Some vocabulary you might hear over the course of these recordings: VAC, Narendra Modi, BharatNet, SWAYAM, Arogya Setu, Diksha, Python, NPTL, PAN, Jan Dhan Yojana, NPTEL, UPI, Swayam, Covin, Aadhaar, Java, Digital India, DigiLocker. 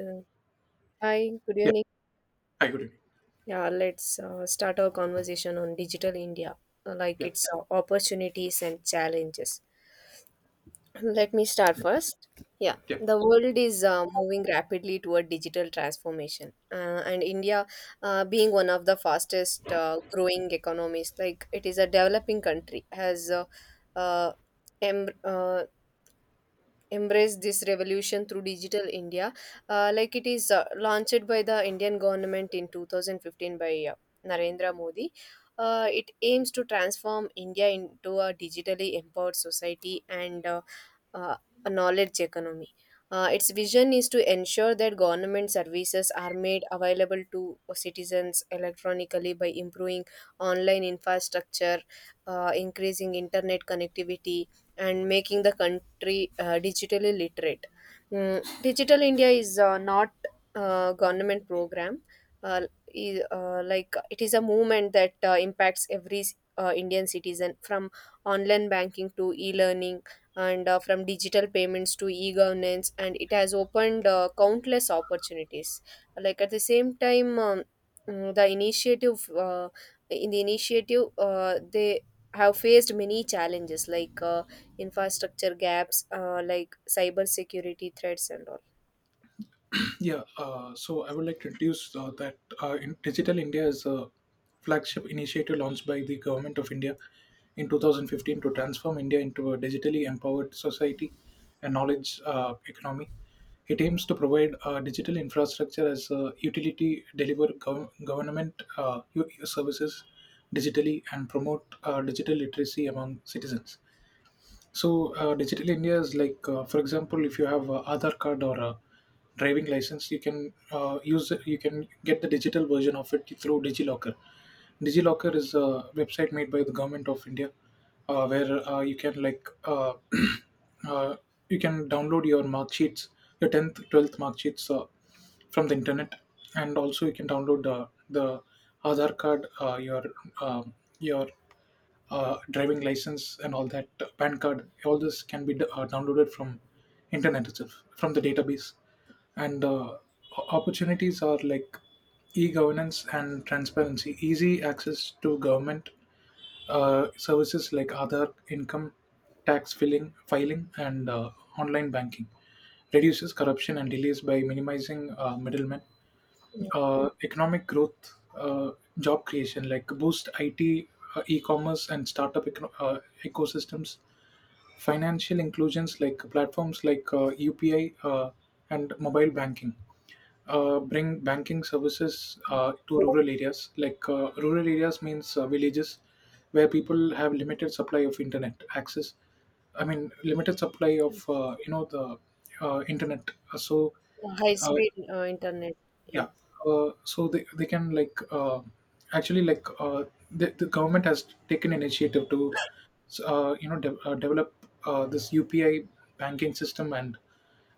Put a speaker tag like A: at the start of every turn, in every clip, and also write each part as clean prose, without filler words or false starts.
A: Uh, Hi, good
B: Yeah,
A: evening.
B: I agree.
A: Yeah, let's start our conversation on digital India, like
B: Yeah.
A: its opportunities and challenges. Let me start
B: Yeah,
A: first. Yeah,
B: yeah,
A: the world is moving rapidly toward digital transformation, and India, being one of the fastest growing economies, like it is a developing country, has uh, em- uh, embrace this revolution through digital india, like it is launched by the indian government in 2015 by narendra modi. Uh, it aims to transform india into a digitally empowered society and uh, a knowledge economy. Uh, its vision is to ensure that government services are made available to citizens electronically by improving online infrastructure, increasing internet connectivity, and making the country digitally literate. Digital India is not a government program. Uh, like it is a movement that impacts every Indian citizen, from online banking to e-learning, and from digital payments to e-governance, and it has opened countless opportunities. Like at the same time, the initiative in the initiative, they have faced many challenges like infrastructure gaps, like cyber security threats and all.
B: yeah. So I would like to introduce that in Digital India is a flagship initiative launched by the Government of India in 2015 to transform India into a digitally empowered society and knowledge economy. It aims to provide digital infrastructure as a utility, deliver government services digitally, and promote digital literacy among citizens. Digital India is for example, if you have a Aadhaar card or a driving license, you can use you can get the digital version of it through DigiLocker. DigiLocker is a website made by the Government of India, where you can uh, you can download your mark sheets, your tenth, 12th mark sheets from the internet, and also you can download the Aadhaar card, um your driving license and all that, PAN card, all this can be downloaded from internet itself, from the database. And uh, Opportunities are like e-governance and transparency, easy access to government services like Aadhaar, income, tax filing, and online banking, reduces corruption and delays by minimizing middlemen,
A: Yeah.
B: economic growth, job creation, like boost IT, e-commerce, and startup ecosystems. Financial inclusions like platforms like UPI and mobile banking. Bring banking services to rural areas. Like rural areas means villages where people have limited supply of internet access. I mean, limited supply of the internet. So
A: High
B: uh,
A: speed internet. Yeah.
B: yeah. So they can like, the government has taken initiative to develop this UPI banking system and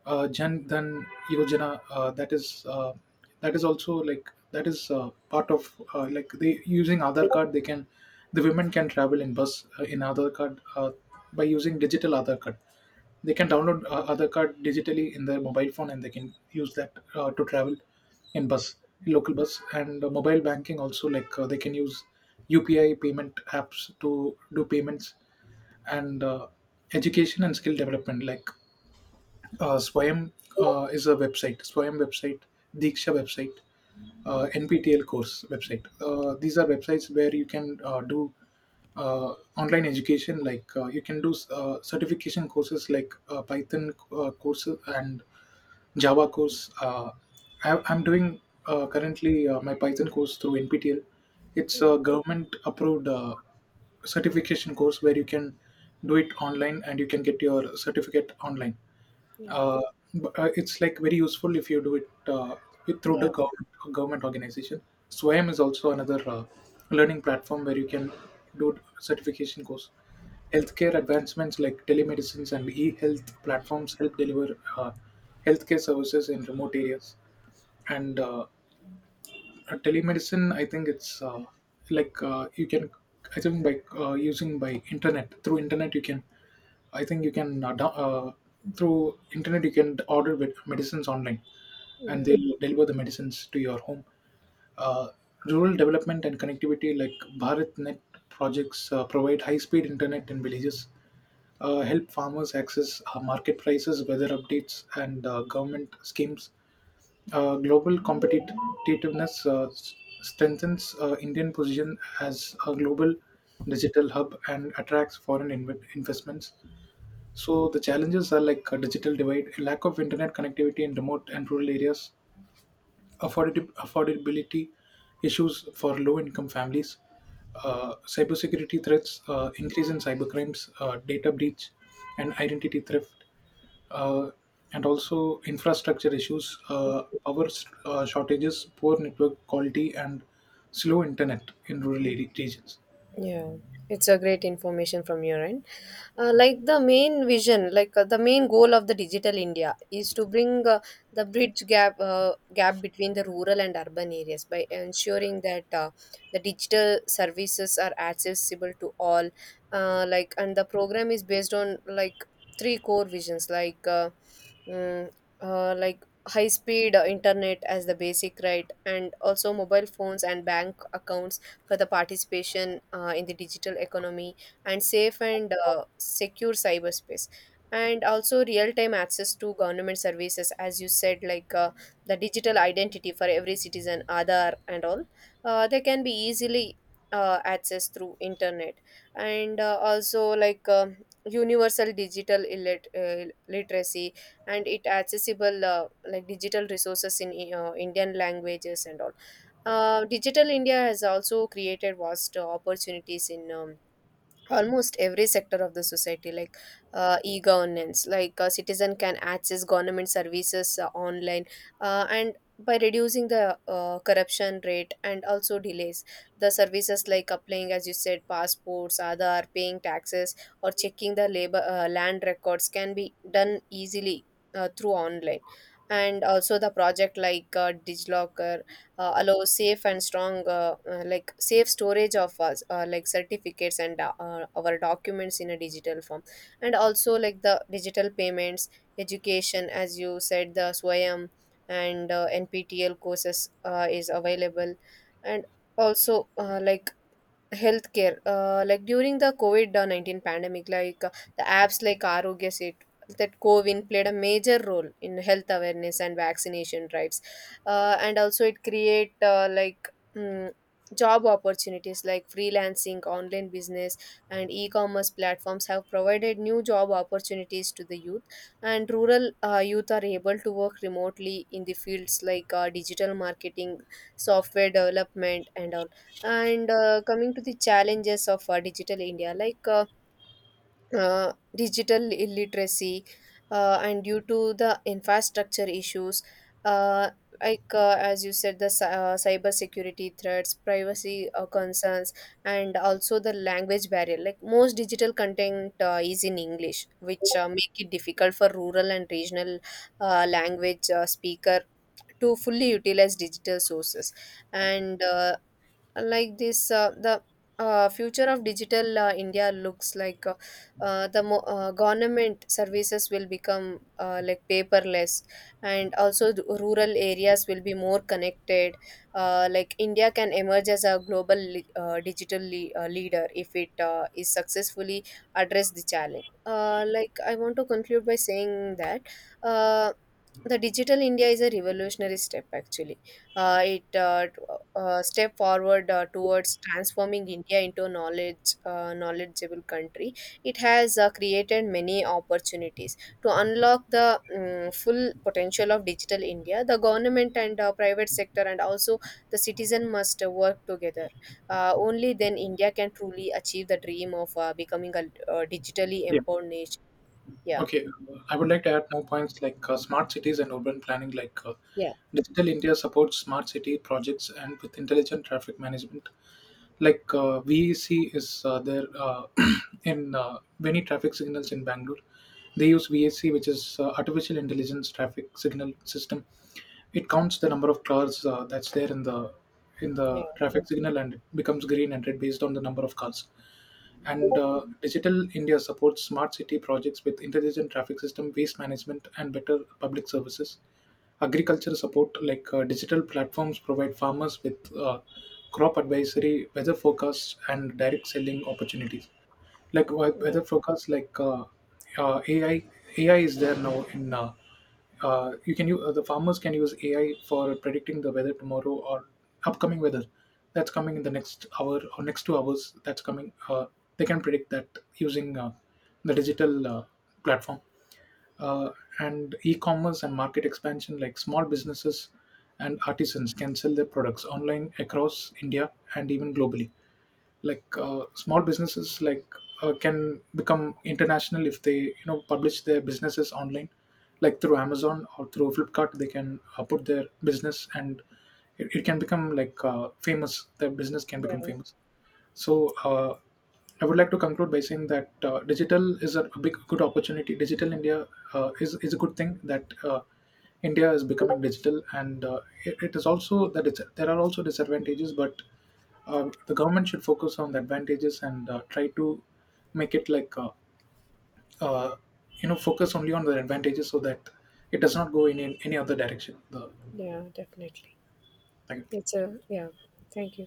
B: Jan Dhan Yojana. That is also like that is part of like they using Aadhaar card. The women can travel in bus in Aadhaar card by using digital Aadhaar card. They can download Aadhaar card digitally in their mobile phone and they can use that to travel in bus, in local bus, and mobile banking also, like they can use UPI payment apps to do payments, and education and skill development, like Swayam is a website, Swayam website, Diksha website, NPTL course website. These are websites where you can do online education, like you can do certification courses like Python courses and Java course. I'm doing currently my Python course through NPTL. It's a government approved certification course where you can do it online and you can get your certificate online.
A: Yeah.
B: Uh, but it's like very useful if you do it through
A: Yeah.
B: the government, government organization. Swayam is also another learning platform where you can do certification course. Healthcare advancements like telemedicines and e-health platforms help deliver healthcare services in remote areas. And Telemedicine, I think it's you can, I think by using by internet through internet you can I think you can through internet you can order with medicines online, and
A: Yeah.
B: they will deliver the medicines to your home. Uh, Rural development and connectivity, like BharatNet projects provide high-speed internet in villages, help farmers access market prices, weather updates, and government schemes. Global competitiveness strengthens Indian position as a global digital hub and attracts foreign investments. So the challenges are like a digital divide, a lack of internet connectivity in remote and rural areas, affordability issues for low-income families, cybersecurity threats, increase in cybercrimes, data breach, and identity theft, uh, and also infrastructure issues, power shortages, poor network quality, and slow internet in rural regions.
A: Yeah, it's a great information from your end. Like the main vision, like the main goal of the Digital India is to bring the bridge gap between the rural and urban areas, by ensuring that the digital services are accessible to all. And the program is based on like three core visions, mm, like high speed internet as the basic right, and also mobile phones and bank accounts for the participation in the digital economy, and safe and secure cyberspace, and also real-time access to government services, as you said, like the digital identity for every citizen, Aadhaar and all. Uh, they can be easily accessed through internet, and also, like universal digital literacy, and it accessible, like digital resources in indian languages and all. Uh, digital India has also created vast opportunities in almost every sector of the society, like e-governance, like a citizen can access government services online, and by reducing the corruption rate and also delays, the services like applying, as you said, passports, Aadhaar, paying taxes, or checking the labor land records can be done easily through online. And also the project like DigiLocker allow safe and strong like safe storage of us, like certificates and our documents in a digital form, and also like the digital payments, education, as you said, the swayam and nptel courses is available, and also like healthcare, like during the covid-19 pandemic, like the apps like arogya set, that covin, played a major role in health awareness and vaccination drives, and also it create mm, job opportunities like freelancing, online business, and e-commerce platforms have provided new job opportunities to the youth, and rural youth are able to work remotely in the fields like digital marketing, software development, and coming to the challenges of digital India, like digital illiteracy, and due to the infrastructure issues, uh, as you said, the cyber security threats, privacy concerns, and also the language barrier. Like most digital content is in English, which make it difficult for rural and regional language speaker to fully utilize digital sources. And like this the future of digital india looks like, government services will become like paperless, and also the rural areas will be more connected. Uh, like india can emerge as a global digital leader if it is successfully address the challenge. Uh, like I want to conclude by saying that uh, the digital india is a revolutionary step, actually it t- step forward towards transforming India into a knowledgeable country. It has created many opportunities to unlock the full potential of digital India. The government and private sector, and also the citizen, must work together. Only then India can truly achieve the dream of becoming a digitally empowered nation. Yeah.
B: Okay, I would like to add more points, like smart cities and urban planning. Like
A: Yeah.
B: Digital India supports smart city projects and with intelligent traffic management, like VAC is there in many traffic signals in Bangalore. They use VAC, which is artificial intelligence traffic signal system. It counts the number of cars that's there in
A: Yeah,
B: the traffic signal and it becomes green and red based on the number of cars. And Digital India supports smart city projects with intelligent traffic system, waste management, and better public services. Agriculture support, like digital platforms provide farmers with crop advisory, weather forecasts, and direct selling opportunities. Like
A: yeah.
B: weather forecasts, like uh, uh, AI, AI is there now in. You can use, the farmers can use AI for predicting the weather tomorrow or upcoming weather that's coming in the next hour or next 2 hours. That's coming. They can predict that using the digital platform, uh, and e-commerce and market expansion, like small businesses and artisans can sell their products online across India and even globally. Like small businesses can become international if they, you know, publish their businesses online, like through Amazon or through Flipkart. They can put their business and it can become famous, their business can become
A: Yeah.
B: famous. So I would like to conclude by saying that digital is a big good opportunity. Digital India is a good thing that India is becoming digital, and it is also that it's, there are also disadvantages, but the government should focus on the advantages and try to make it like uh, you know focus only on the advantages so that it does not go in any other direction. The,
A: Yeah. Definitely.
B: like,
A: It's a, yeah. Thank you.